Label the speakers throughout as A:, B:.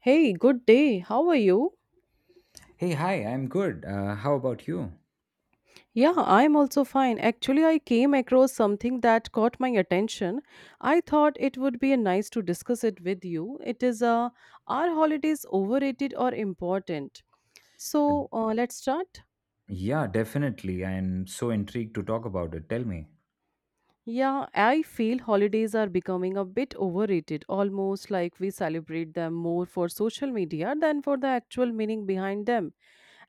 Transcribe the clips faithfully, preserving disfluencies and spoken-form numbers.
A: Hey, good day. How are you?
B: Hey, hi, I'm good. Uh, how about you?
A: Yeah, I'm also fine. Actually, I came across something that caught my attention. I thought it would be nice to discuss it with you. It is uh, are holidays overrated or important?
B: Uh,
A: So, uh, let's start.
B: yeah, definitely. I'm so intrigued to talk about it. Tell me.
A: Yeah, I feel holidays are becoming a bit overrated, almost like we celebrate them more for social media than for the actual meaning behind them.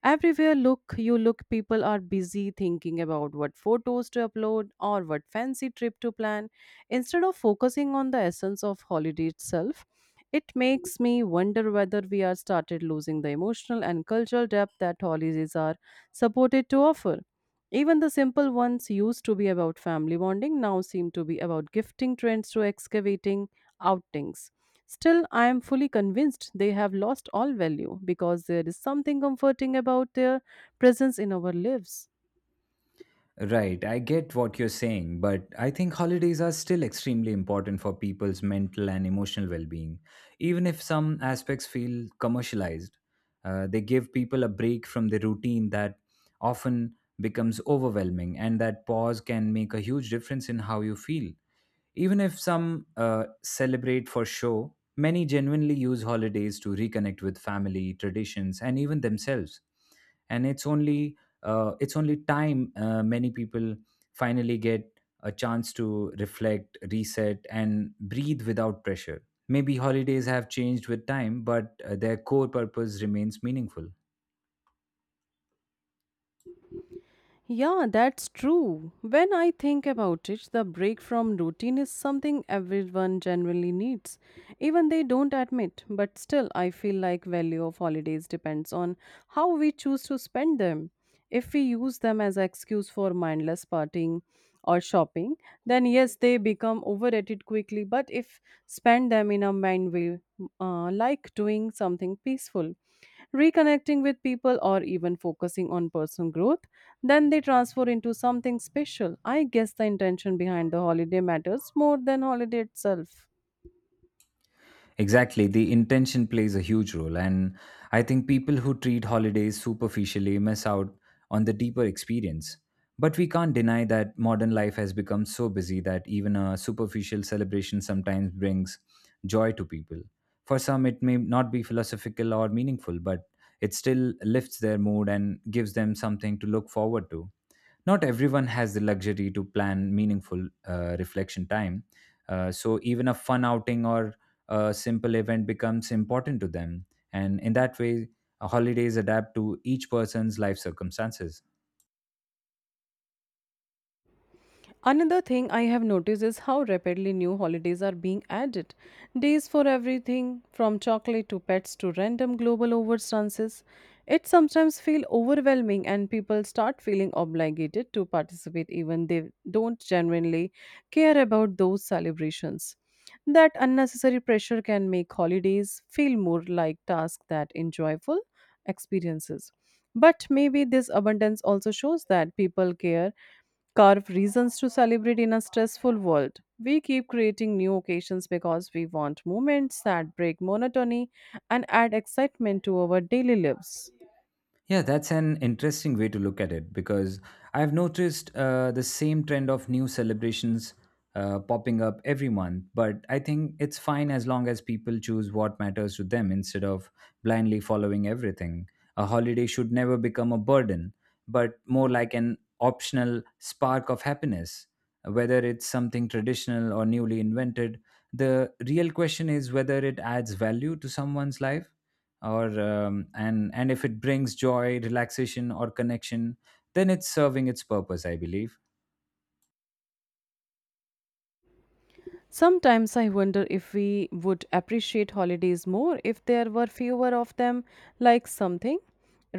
A: Everywhere look you look people are busy thinking about what photos to upload or what fancy trip to plan instead of focusing on the essence of holiday itself. It makes me wonder whether we are started losing the emotional and cultural depth that holidays are supported to offer. Even the simple ones used to be about family bonding now seem to be about gifting trends to excavating outings. Still, I am fully convinced they have lost all value because there is something comforting about their presence in our lives.
B: Right, I get what you're saying, but I think holidays are still extremely important for people's mental and emotional well being. Even if some aspects feel commercialized, uh, they give people a break from the routine that often becomes overwhelming, and that pause can make a huge difference in how you feel. Even if some uh, celebrate for show, many genuinely use holidays to reconnect with family, traditions, and even themselves. And it's only uh, it's only time uh, many people finally get a chance to reflect, reset, and breathe without pressure. Maybe holidays have changed with time, but uh, their core purpose remains meaningful.
A: Yeah, that's true. When I think about it, the break from routine is something everyone generally needs. Even they don't admit, but still I feel like value of holidays depends on how we choose to spend them. If we use them as an excuse for mindless partying or shopping, then yes, they become overrated quickly, but if spend them in a mind way, uh, like doing something peaceful reconnecting with people, or even focusing on personal growth, then they transfer into something special. I guess the intention behind the holiday matters more than holiday itself.
B: Exactly. The intention plays a huge role. And I think people who treat holidays superficially miss out on the deeper experience. But we can't deny that modern life has become so busy that even a superficial celebration sometimes brings joy to people. For some, it may not be philosophical or meaningful, but it still lifts their mood and gives them something to look forward to. Not everyone has the luxury to plan meaningful uh, reflection time, uh, so even a fun outing or a simple event becomes important to them. And in that way, uh, holidays adapt to each person's life circumstances.
A: Another thing I have noticed is how rapidly new holidays are being added. Days for everything from chocolate to pets to random global overstances. It sometimes feels overwhelming and people start feeling obligated to participate even they don't genuinely care about those celebrations. That unnecessary pressure can make holidays feel more like tasks than enjoyable experiences. But maybe this abundance also shows that people care carve reasons to celebrate in a stressful world. We keep creating new occasions because we want moments that break monotony and add excitement to our daily lives.
B: Yeah, that's an interesting way to look at it because I've noticed uh, the same trend of new celebrations uh, popping up every month. But I think it's fine as long as people choose what matters to them instead of blindly following everything. A holiday should never become a burden, but more like an optional spark of happiness. Whether it's something traditional or newly invented, the real question is whether it adds value to someone's life or um, and and if it brings joy, relaxation, or connection, then it's serving its purpose, I believe.
A: Sometimes I wonder if we would appreciate holidays more if there were fewer of them, like something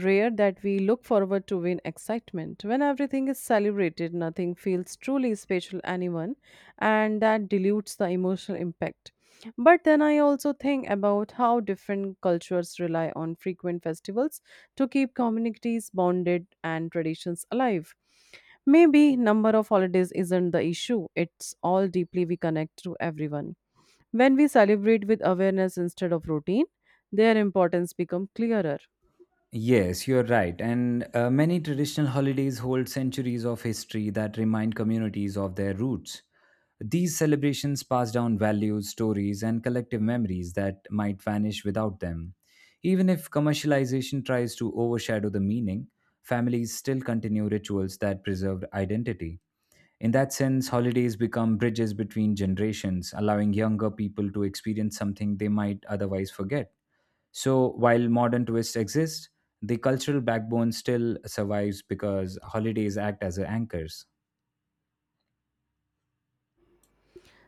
A: rare that we look forward to in excitement. When everything is celebrated, nothing feels truly special anyone, and that dilutes the emotional impact. But then I also think about how different cultures rely on frequent festivals to keep communities bonded and traditions alive. Maybe number of holidays isn't the issue, it's all deeply we connect to everyone. When we celebrate with awareness instead of routine, their importance become clearer.
B: Yes, you're right, and uh, many traditional holidays hold centuries of history that remind communities of their roots. These celebrations pass down values, stories, and collective memories that might vanish without them. Even if commercialization tries to overshadow the meaning, families still continue rituals that preserve identity. In that sense, holidays become bridges between generations, allowing younger people to experience something they might otherwise forget. So, while modern twists exist, the cultural backbone still survives because holidays act as anchors.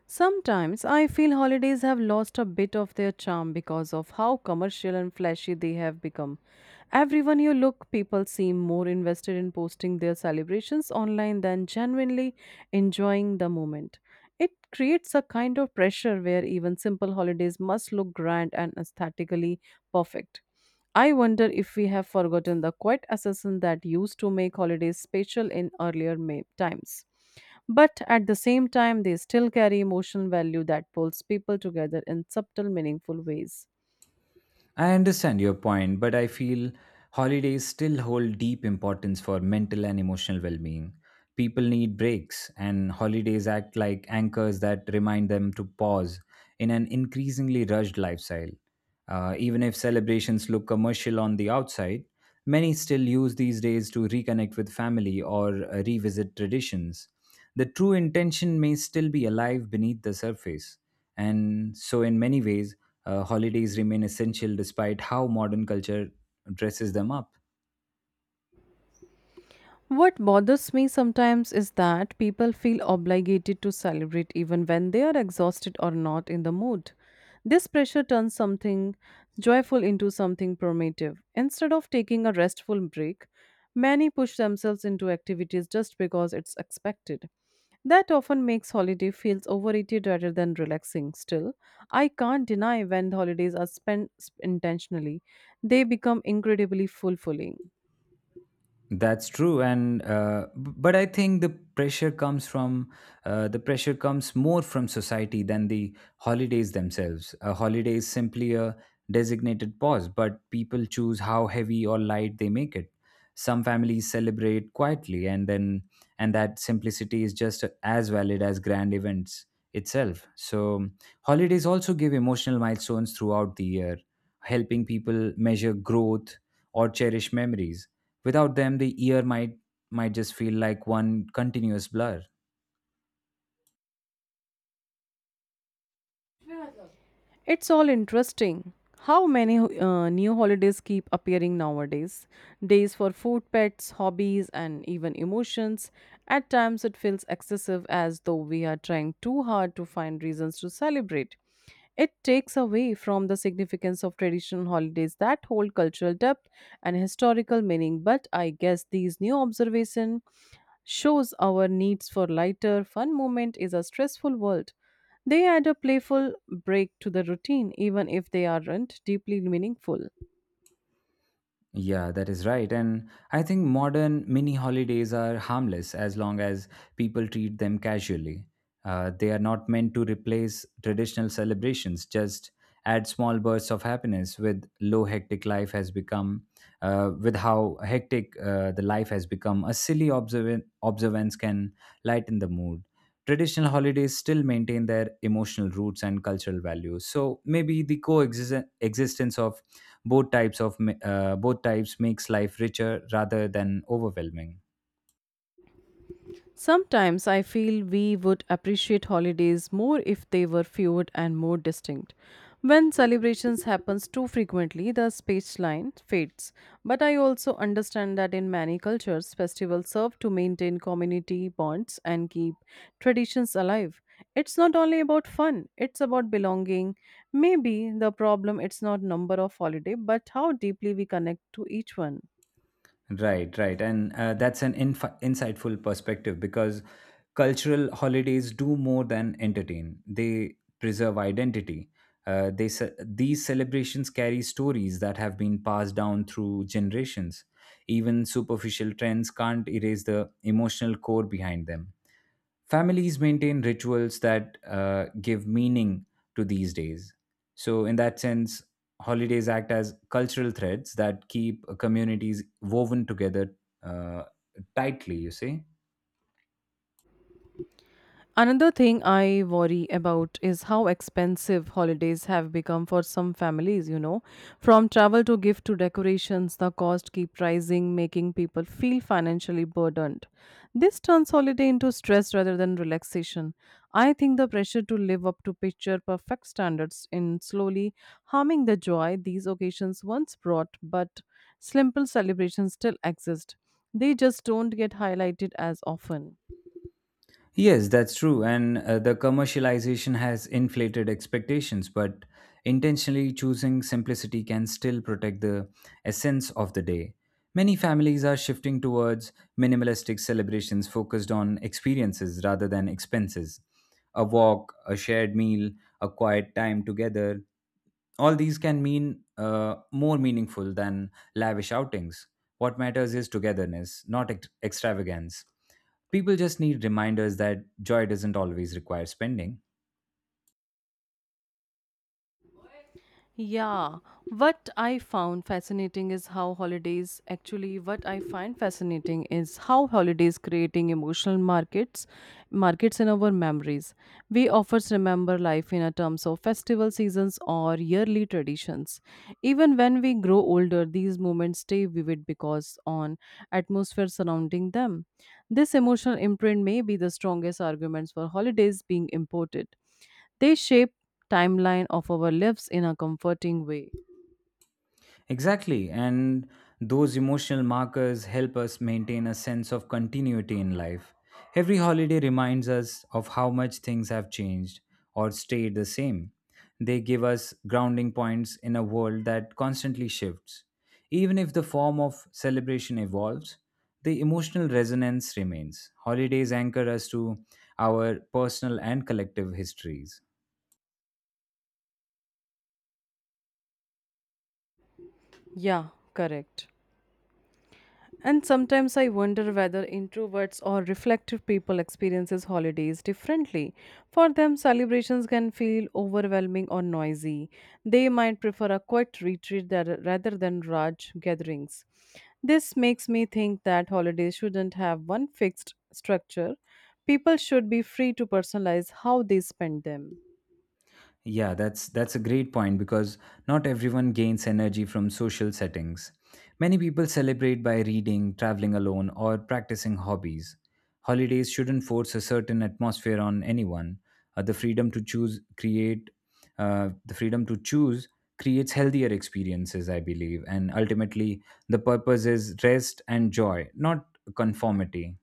A: Sometimes I feel holidays have lost a bit of their charm because of how commercial and flashy they have become. Everyone you look, people seem more invested in posting their celebrations online than genuinely enjoying the moment. It creates a kind of pressure where even simple holidays must look grand and aesthetically perfect. I wonder if we have forgotten the quiet assassin that used to make holidays special in earlier ma- times. But at the same time, they still carry emotional value that pulls people together in subtle, meaningful ways.
B: I understand your point, but I feel holidays still hold deep importance for mental and emotional well being. People need breaks, and holidays act like anchors that remind them to pause in an increasingly rushed lifestyle. Uh, even if celebrations look commercial on the outside, many still use these days to reconnect with family or uh, revisit traditions. The true intention may still be alive beneath the surface, and so, in many ways, uh, holidays remain essential despite how modern culture dresses them up.
A: What bothers me sometimes is that people feel obligated to celebrate even when they are exhausted or not in the mood. This pressure turns something joyful into something primitive. Instead of taking a restful break, many push themselves into activities just because it's expected. That often makes holiday feels overrated rather than relaxing. Still, I can't deny when holidays are spent sp- intentionally, they become incredibly fulfilling.
B: That's true, and uh, b- but I think the pressure comes from uh, the pressure comes more from society than the holidays themselves. A holiday is simply a designated pause, but people choose how heavy or light they make it. Some families celebrate quietly, and then and that simplicity is just as valid as grand events itself. So holidays also give emotional milestones throughout the year, helping people measure growth or cherish memories. Without them, the year might might just feel like one continuous blur.
A: It's all interesting. How many uh, new holidays keep appearing nowadays? Days for food, pets, hobbies, and even emotions. At times, it feels excessive as though we are trying too hard to find reasons to celebrate. It takes away from the significance of traditional holidays that hold cultural depth and historical meaning. But I guess these new observations shows our needs for lighter, fun moment is a stressful world. They add a playful break to the routine, even if they aren't deeply meaningful.
B: Yeah, that is right. And I think modern mini holidays are harmless as long as people treat them casually. Uh, they are not meant to replace traditional celebrations, just add small bursts of happiness with low hectic life has become, uh, with how hectic uh, the life has become. A silly observant, observance can lighten the mood. Traditional holidays still maintain their emotional roots and cultural values. So maybe the coexistence existence of both types of ma- uh, both types makes life richer rather than overwhelming.
A: Sometimes I feel we would appreciate holidays more if they were fewer and more distinct. When celebrations happens too frequently, the line fades. But I also understand that in many cultures, festivals serve to maintain community bonds and keep traditions alive. It's not only about fun, it's about belonging. Maybe the problem it's not number of holiday, but how deeply we connect to each one.
B: Right right and uh, that's an inf- insightful perspective because cultural holidays do more than entertain, they preserve identity. Uh, they ce- these celebrations carry stories that have been passed down through generations. Even superficial trends can't erase the emotional core behind them. Families maintain rituals that uh, give meaning to these days. So, in that sense, holidays act as cultural threads that keep communities woven together uh, tightly, you see.
A: Another thing I worry about is how expensive holidays have become for some families, you know. From travel to gift to decorations, the cost keep rising, making people feel financially burdened. This turns holiday into stress rather than relaxation. I think the pressure to live up to picture perfect standards in slowly harming the joy these occasions once brought, but simple celebrations still exist. They just don't get highlighted as often.
B: Yes, that's true. And uh, the commercialization has inflated expectations, but intentionally choosing simplicity can still protect the essence of the day. Many families are shifting towards minimalistic celebrations focused on experiences rather than expenses. A walk, a shared meal, a quiet time together, all these can mean uh, more meaningful than lavish outings. What matters is togetherness, not ex- extravagance. People just need reminders that joy doesn't always require spending.
A: Yeah, what I found fascinating is how holidays actually what I find fascinating is how holidays creating emotional markets markets in our memories. We often remember life in a terms of festival seasons or yearly traditions. Even when we grow older, these moments stay vivid because on atmosphere surrounding them. This emotional imprint may be the strongest arguments for holidays being imported. They shape timeline of our lives in a comforting way.
B: Exactly. And those emotional markers help us maintain a sense of continuity in life. Every holiday reminds us of how much things have changed or stayed the same. They give us grounding points in a world that constantly shifts. Even if the form of celebration evolves, the emotional resonance remains. Holidays anchor us to our personal and collective histories.
A: Yeah, correct. And sometimes I wonder whether introverts or reflective people experiences holidays differently. For them, celebrations can feel overwhelming or noisy. They might prefer a quiet retreat that, rather than large gatherings. This makes me think that holidays shouldn't have one fixed structure. People should be free to personalize how they spend them.
B: Yeah, that's that's a great point because not everyone gains energy from social settings. Many people celebrate by reading, traveling alone, or practicing hobbies. Holidays shouldn't force a certain atmosphere on anyone. Uh, the freedom to choose create uh, the freedom to choose creates healthier experiences, I believe, and ultimately the purpose is rest and joy, not conformity.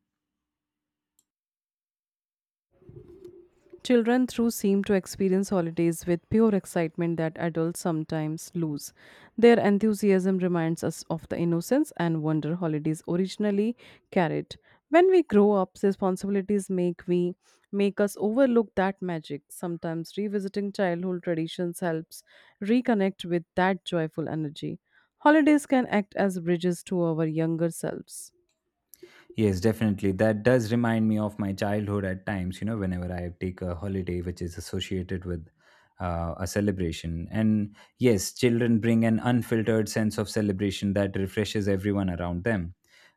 A: Children through seem to experience holidays with pure excitement that adults sometimes lose. Their enthusiasm reminds us of the innocence and wonder holidays originally carried. When we grow up, responsibilities make we make us overlook that magic. Sometimes revisiting childhood traditions helps reconnect with that joyful energy. Holidays can act as bridges to our younger selves.
B: Yes, definitely. That does remind me of my childhood at times, you know, whenever I take a holiday which is associated with uh, a celebration. And yes, children bring an unfiltered sense of celebration that refreshes everyone around them.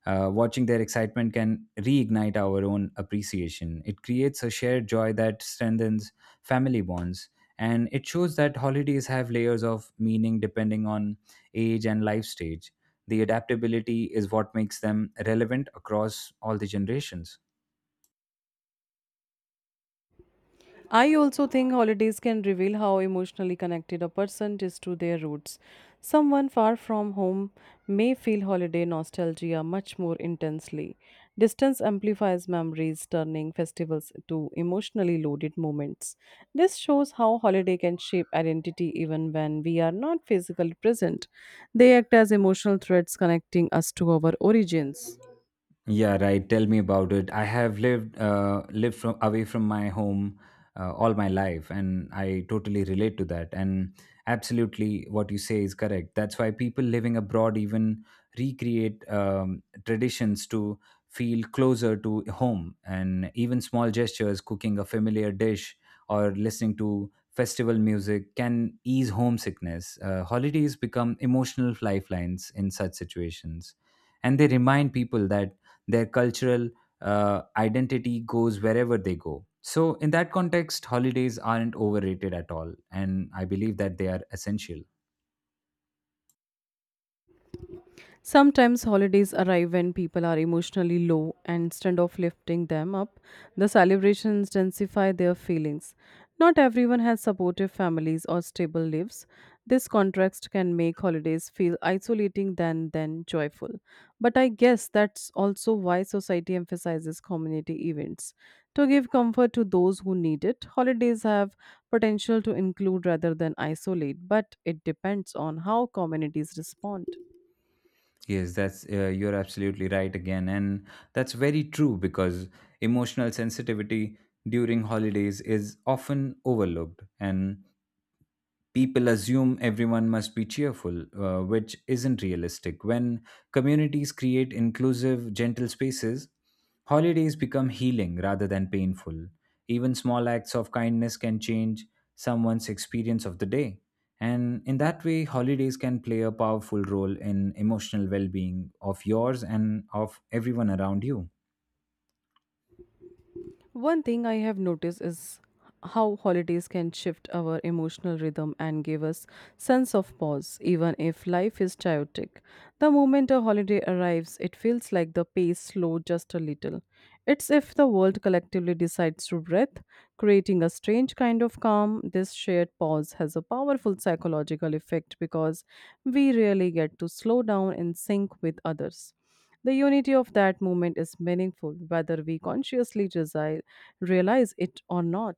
B: Uh, watching their excitement can reignite our own appreciation. It creates a shared joy that strengthens family bonds. And it shows that holidays have layers of meaning depending on age and life stage. The adaptability is what makes them relevant across all the generations.
A: I also think holidays can reveal how emotionally connected a person is to their roots. Someone far from home may feel holiday nostalgia much more intensely. Distance amplifies memories, turning festivals to emotionally loaded moments. This shows how holiday can shape identity even when we are not physically present. They act as emotional threads connecting us to our origins.
B: Yeah, right. Tell me about it. I have lived uh, lived from away from my home uh, all my life, and I totally relate to that. And absolutely, what you say is correct. That's why people living abroad even recreate um, traditions to feel closer to home, and even small gestures, cooking a familiar dish or listening to festival music, can ease homesickness. Uh, holidays become emotional lifelines in such situations, and they remind people that their cultural uh, identity goes wherever they go. So, in that context, holidays aren't overrated at all. And I believe that they are essential.
A: Sometimes holidays arrive when people are emotionally low, and instead of lifting them up, the celebrations intensify their feelings. Not everyone has supportive families or stable lives. This contrast can make holidays feel isolating than than joyful. But I guess that's also why society emphasizes community events to give comfort to those who need it. Holidays have potential to include rather than isolate, but it depends on how communities respond.
B: Yes, that's uh, you're absolutely right again. And that's very true because emotional sensitivity during holidays is often overlooked. And people assume everyone must be cheerful, uh, which isn't realistic. When communities create inclusive, gentle spaces, holidays become healing rather than painful. Even small acts of kindness can change someone's experience of the day. And in that way, holidays can play a powerful role in emotional well being of yours and of everyone around you.
A: One thing I have noticed is how holidays can shift our emotional rhythm and give us sense of pause even if life is chaotic. The moment a holiday arrives it feels like the pace slowed just a little, it's if the world collectively decides to breathe, creating a strange kind of calm. This shared pause has a powerful psychological effect because we really get to slow down and sync with others. The unity of that moment is meaningful whether we consciously desi- realize it or not.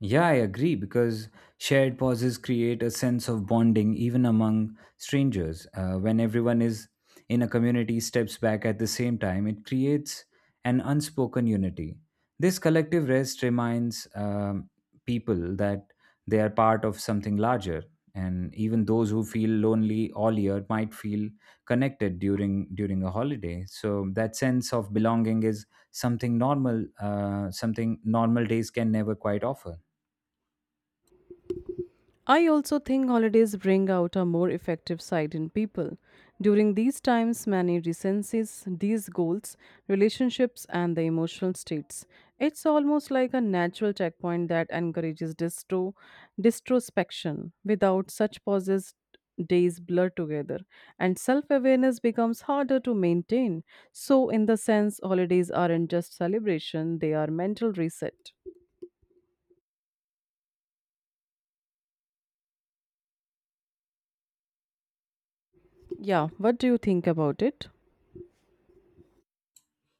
B: Yeah, I agree because shared pauses create a sense of bonding even among strangers. Uh, when everyone is in a community steps back at the same time, it creates an unspoken unity. This collective rest reminds um, people that they are part of something larger, and even those who feel lonely all year might feel connected during during a holiday. So that sense of belonging is something normal, uh, something normal days can never quite offer.
A: I also think holidays bring out a more effective side in people. During these times, many recenses these goals, relationships, and the emotional states. It's almost like a natural checkpoint that encourages distro, distrospection. Without such pauses, days blur together, and self awareness becomes harder to maintain. So, in the sense, holidays aren't just celebration, they are mental reset. Yeah, what do you think about it?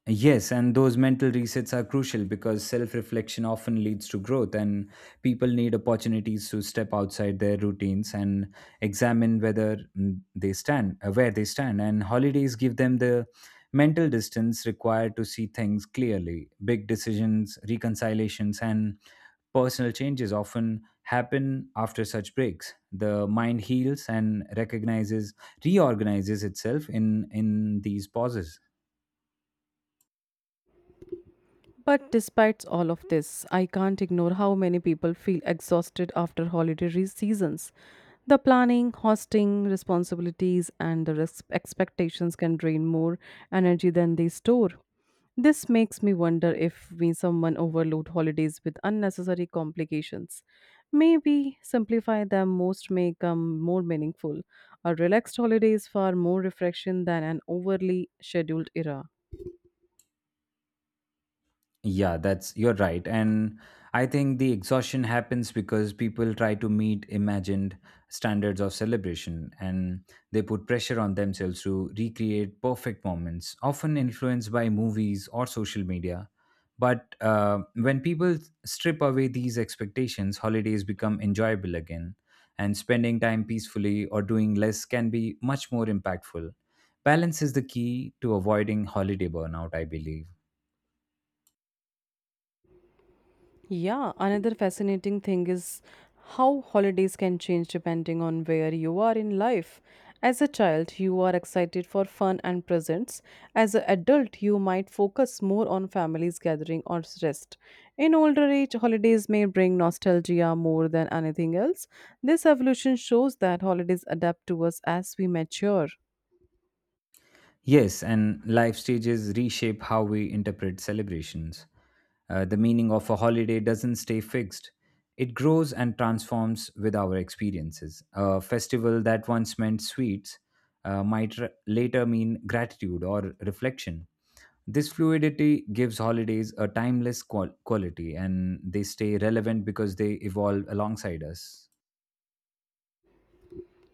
B: Yes, and those mental resets are crucial because self reflection often leads to growth, and people need opportunities to step outside their routines and examine whether mm, they stand, uh, where they stand. And holidays give them the mental distance required to see things clearly. Big decisions, reconciliations, and personal changes often happen after such breaks. The mind heals and recognizes, reorganizes itself in, in these pauses.
A: But despite all of this, I can't ignore how many people feel exhausted after holiday re- seasons. The planning, hosting, responsibilities, and the res- expectations can drain more energy than they store. This makes me wonder if we someone overload holidays with unnecessary complications. Maybe simplify them most may come more meaningful. A relaxed holiday is far more refreshing than an overly scheduled era.
B: Yeah, that's you're right. And I think the exhaustion happens because people try to meet imagined standards of celebration, and they put pressure on themselves to recreate perfect moments, often influenced by movies or social media. But uh, when people strip away these expectations, holidays become enjoyable again, and spending time peacefully or doing less can be much more impactful. Balance is the key to avoiding holiday burnout, I believe.
A: Yeah, another fascinating thing is how holidays can change depending on where you are in life. As a child, you are excited for fun and presents. As an adult, you might focus more on families gathering or rest. In older age, holidays may bring nostalgia more than anything else. This evolution shows that holidays adapt to us as we mature.
B: Yes, and life stages reshape how we interpret celebrations. Uh, the meaning of a holiday doesn't stay fixed, it grows and transforms with our experiences. A festival that once meant sweets uh, might r- later mean gratitude or reflection. This fluidity gives holidays a timeless qual- quality, and they stay relevant because they evolve alongside us.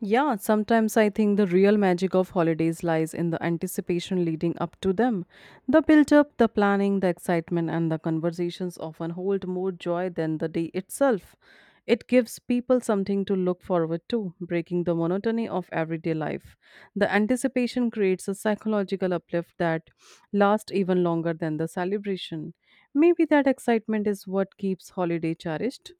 A: Yeah, sometimes I think the real magic of holidays lies in the anticipation leading up to them. The build up, the planning, the excitement, and the conversations often hold more joy than the day itself. It gives people something to look forward to, breaking the monotony of everyday life. The anticipation creates a psychological uplift that lasts even longer than the celebration. Maybe that excitement is what keeps holiday cherished.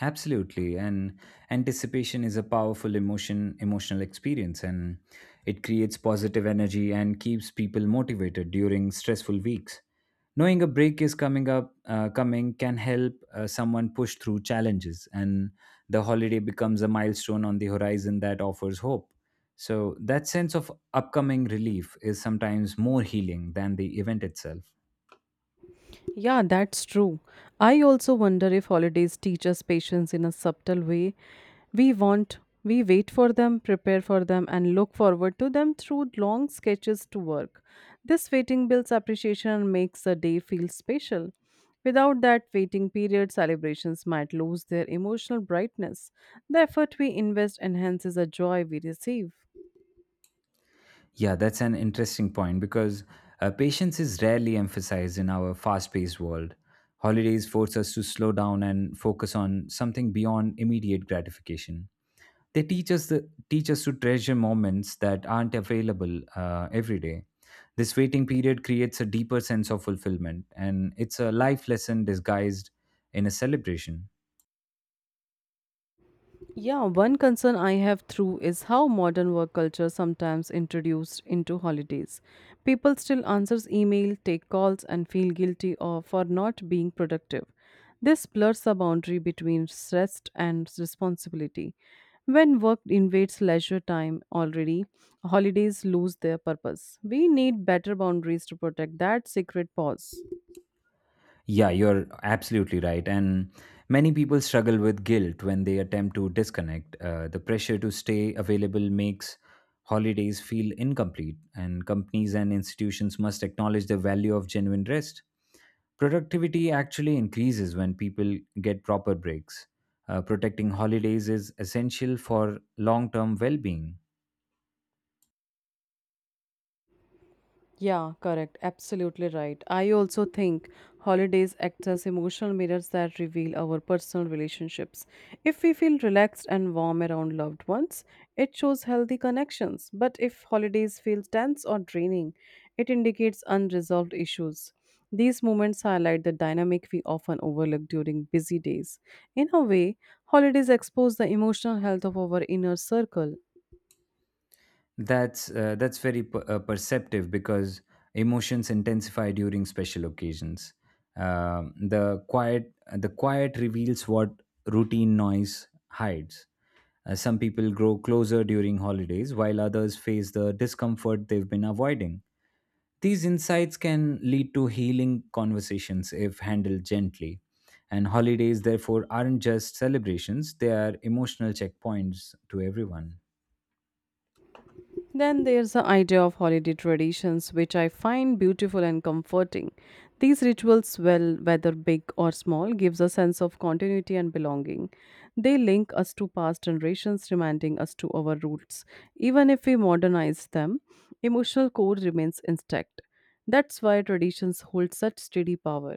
B: Absolutely. And anticipation is a powerful emotion, emotional experience, and it creates positive energy and keeps people motivated during stressful weeks. Knowing a break is coming up, uh, coming can help uh, someone push through challenges, and the holiday becomes a milestone on the horizon that offers hope. So, that sense of upcoming relief is sometimes more healing than the event itself.
A: Yeah, that's true. I also wonder if holidays teach us patience in a subtle way. We want, we wait for them, prepare for them, and look forward to them through long sketches to work. This waiting builds appreciation and makes the day feel special. Without that waiting period, celebrations might lose their emotional brightness. The effort we invest enhances the joy we receive.
B: Yeah, that's an interesting point because uh, patience is rarely emphasized in our fast paced world. Holidays force us to slow down and focus on something beyond immediate gratification. They teach us, the, teach us to treasure moments that aren't available uh, every day. This waiting period creates a deeper sense of fulfillment, and it's a life lesson disguised in a celebration.
A: Yeah, one concern I have through is how modern work culture sometimes introduced into holidays. People still answers email, take calls and feel guilty of, for not being productive. This blurs the boundary between rest and responsibility. When work invades leisure time already, holidays lose their purpose. We need better boundaries to protect that secret pause.
B: Yeah, you're absolutely right. And many people struggle with guilt when they attempt to disconnect. Uh, the pressure to stay available makes holidays feel incomplete, and companies and institutions must acknowledge the value of genuine rest. Productivity actually increases when people get proper breaks. Uh, protecting holidays is essential for long term well being.
A: Yeah, correct. Absolutely right. I also think holidays act as emotional mirrors that reveal our personal relationships. If we feel relaxed and warm around loved ones, it shows healthy connections. But if holidays feel tense or draining, it indicates unresolved issues. These moments highlight the dynamic we often overlook during busy days. In a way, holidays expose the emotional health of our inner circle.
B: That's uh, that's very per- uh, perceptive because emotions intensify during special occasions. Um, the quiet the quiet reveals what routine noise hides. Uh, some people grow closer during holidays, while others face the discomfort they've been avoiding. These insights can lead to healing conversations if handled gently. And holidays, therefore, aren't just celebrations; they are emotional checkpoints to everyone.
A: Then there's the idea of holiday traditions, which I find beautiful and comforting. These rituals, well, whether big or small, gives a sense of continuity and belonging. They link us to past generations, reminding us to our roots. Even if we modernize them, emotional core remains intact. That's why traditions hold such steady power.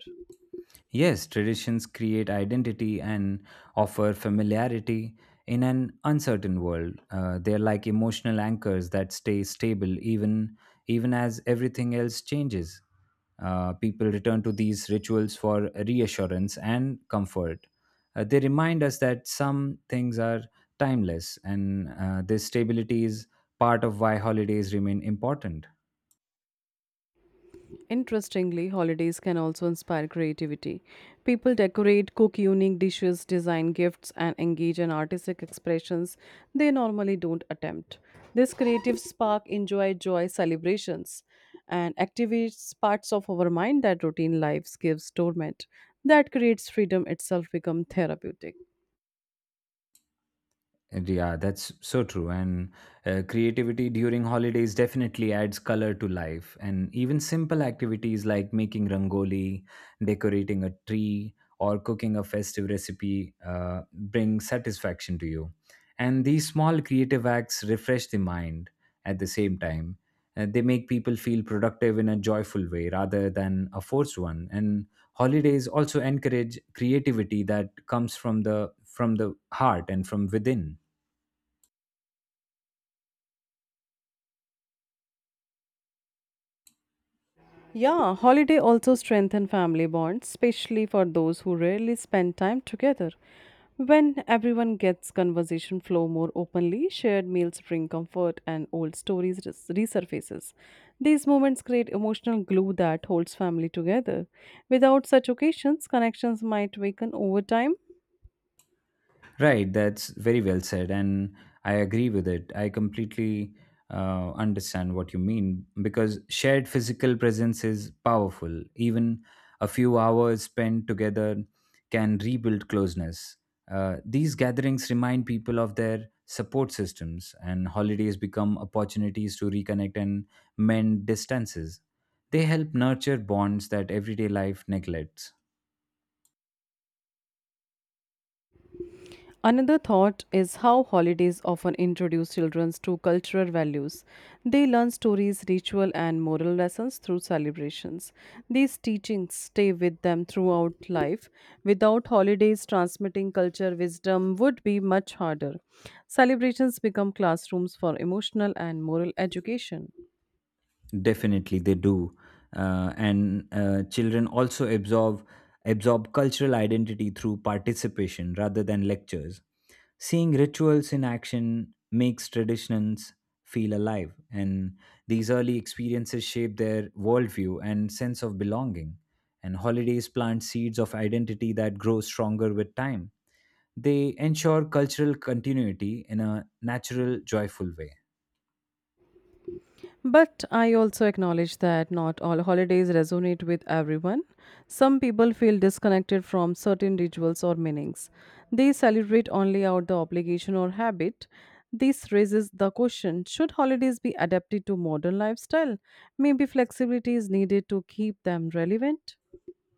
B: Yes, traditions create identity and offer familiarity in an uncertain world. Uh, they're like emotional anchors that stay stable even even as everything else changes. Uh, people return to these rituals for reassurance and comfort. Uh, they remind us that some things are timeless, and uh, this stability is part of why holidays remain important.
A: Interestingly, holidays can also inspire creativity. People decorate, cook unique dishes, design gifts, and engage in artistic expressions they normally don't attempt. This creative spark enjoy joy celebrations and activates parts of our mind that routine lives gives torment. That creates freedom itself become therapeutic.
B: And yeah, that's so true. And uh, creativity during holidays definitely adds color to life. And even simple activities like making rangoli, decorating a tree, or cooking a festive recipe uh, bring satisfaction to you. And these small creative acts refresh the mind at the same time. And they make people feel productive in a joyful way rather than a forced one. And holidays also encourage creativity that comes from the from the heart and from within.
A: Yeah, holiday also strengthen family bonds, especially for those who rarely spend time together. When everyone gets conversation flow more openly, shared meals bring comfort and old stories res- resurfaces. These moments create emotional glue that holds family together. Without such occasions, connections might weaken over time.
B: Right, that's very well said, and I agree with it. I completely uh, understand what you mean because shared physical presence is powerful. Even a few hours spent together can rebuild closeness. Uh, these gatherings remind people of their support systems, and holidays become opportunities to reconnect and mend distances. They help nurture bonds that everyday life neglects.
A: Another thought is how holidays often introduce children to cultural values. They learn stories, ritual, and moral lessons through celebrations. These teachings stay with them throughout life. Without holidays, transmitting culture wisdom would be much harder. Celebrations become classrooms for emotional and moral education.
B: Definitely, they do, uh, and uh, children also absorb absorb cultural identity through participation rather than lectures. Seeing rituals in action makes traditions feel alive, and these early experiences shape their worldview and sense of belonging. And holidays plant seeds of identity that grow stronger with time. They ensure cultural continuity in a natural, joyful way.
A: But I also acknowledge that not all holidays resonate with everyone. Some people feel disconnected from certain rituals or meanings. They celebrate only out the obligation or habit. This raises the question, should holidays be adapted to modern lifestyle? Maybe flexibility is needed to keep them relevant.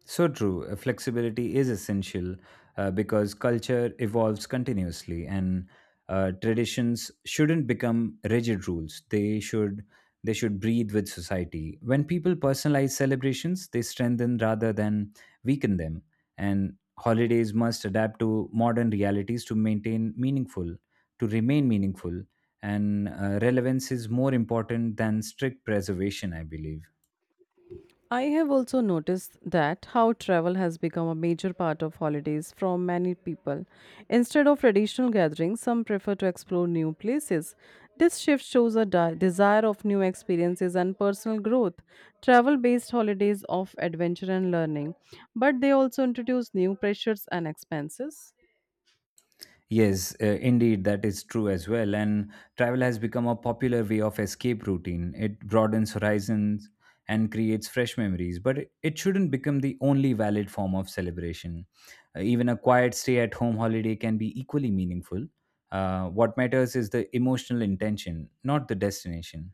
B: So true. Uh, Flexibility is essential uh, because culture evolves continuously, and uh, traditions shouldn't become rigid rules. They should they should breathe with society. When people personalize celebrations, they strengthen rather than weaken them. And holidays must adapt to modern realities to maintain meaningful, to remain meaningful. And uh, relevance is more important than strict preservation, I believe.
A: I have also noticed that how travel has become a major part of holidays from many people. Instead of traditional gatherings, some prefer to explore new places. This shift shows a di- desire of new experiences and personal growth. Travel based holidays of adventure and learning, but they also introduce new pressures and expenses.
B: Yes, uh, indeed, that is true as well. And travel has become a popular way of escape routine. It broadens horizons and creates fresh memories, but it it shouldn't become the only valid form of celebration. Uh, even a quiet stay at home holiday can be equally meaningful. Uh, what matters is the emotional intention, not the destination.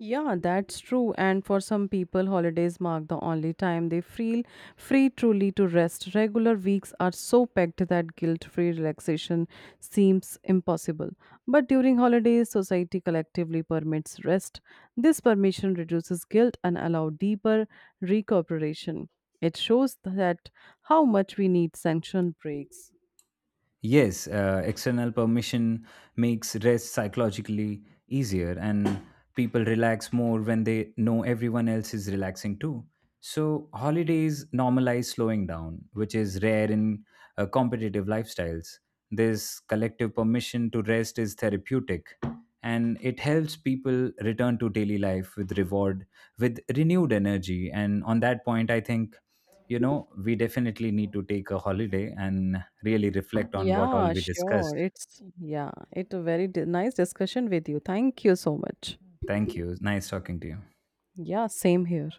A: Yeah, that's true. And for some people, holidays mark the only time they feel free truly to rest. Regular weeks are so packed that guilt free relaxation seems impossible. But during holidays, society collectively permits rest. This permission reduces guilt and allows deeper recuperation. It shows that how much we need sanctioned breaks.
B: Yes, uh, external permission makes rest psychologically easier, and people relax more when they know everyone else is relaxing too. So, holidays normalize slowing down, which is rare in uh, competitive lifestyles. This collective permission to rest is therapeutic, and it helps people return to daily life with reward, with renewed energy. And on that point, I think, you know, we definitely need to take a holiday and really reflect on what all
A: Yeah,
B: we
A: sure.
B: discussed.
A: It's yeah, it's a very di- nice discussion with you. Thank you so much.
B: Thank you. Nice talking to you.
A: Yeah, same here.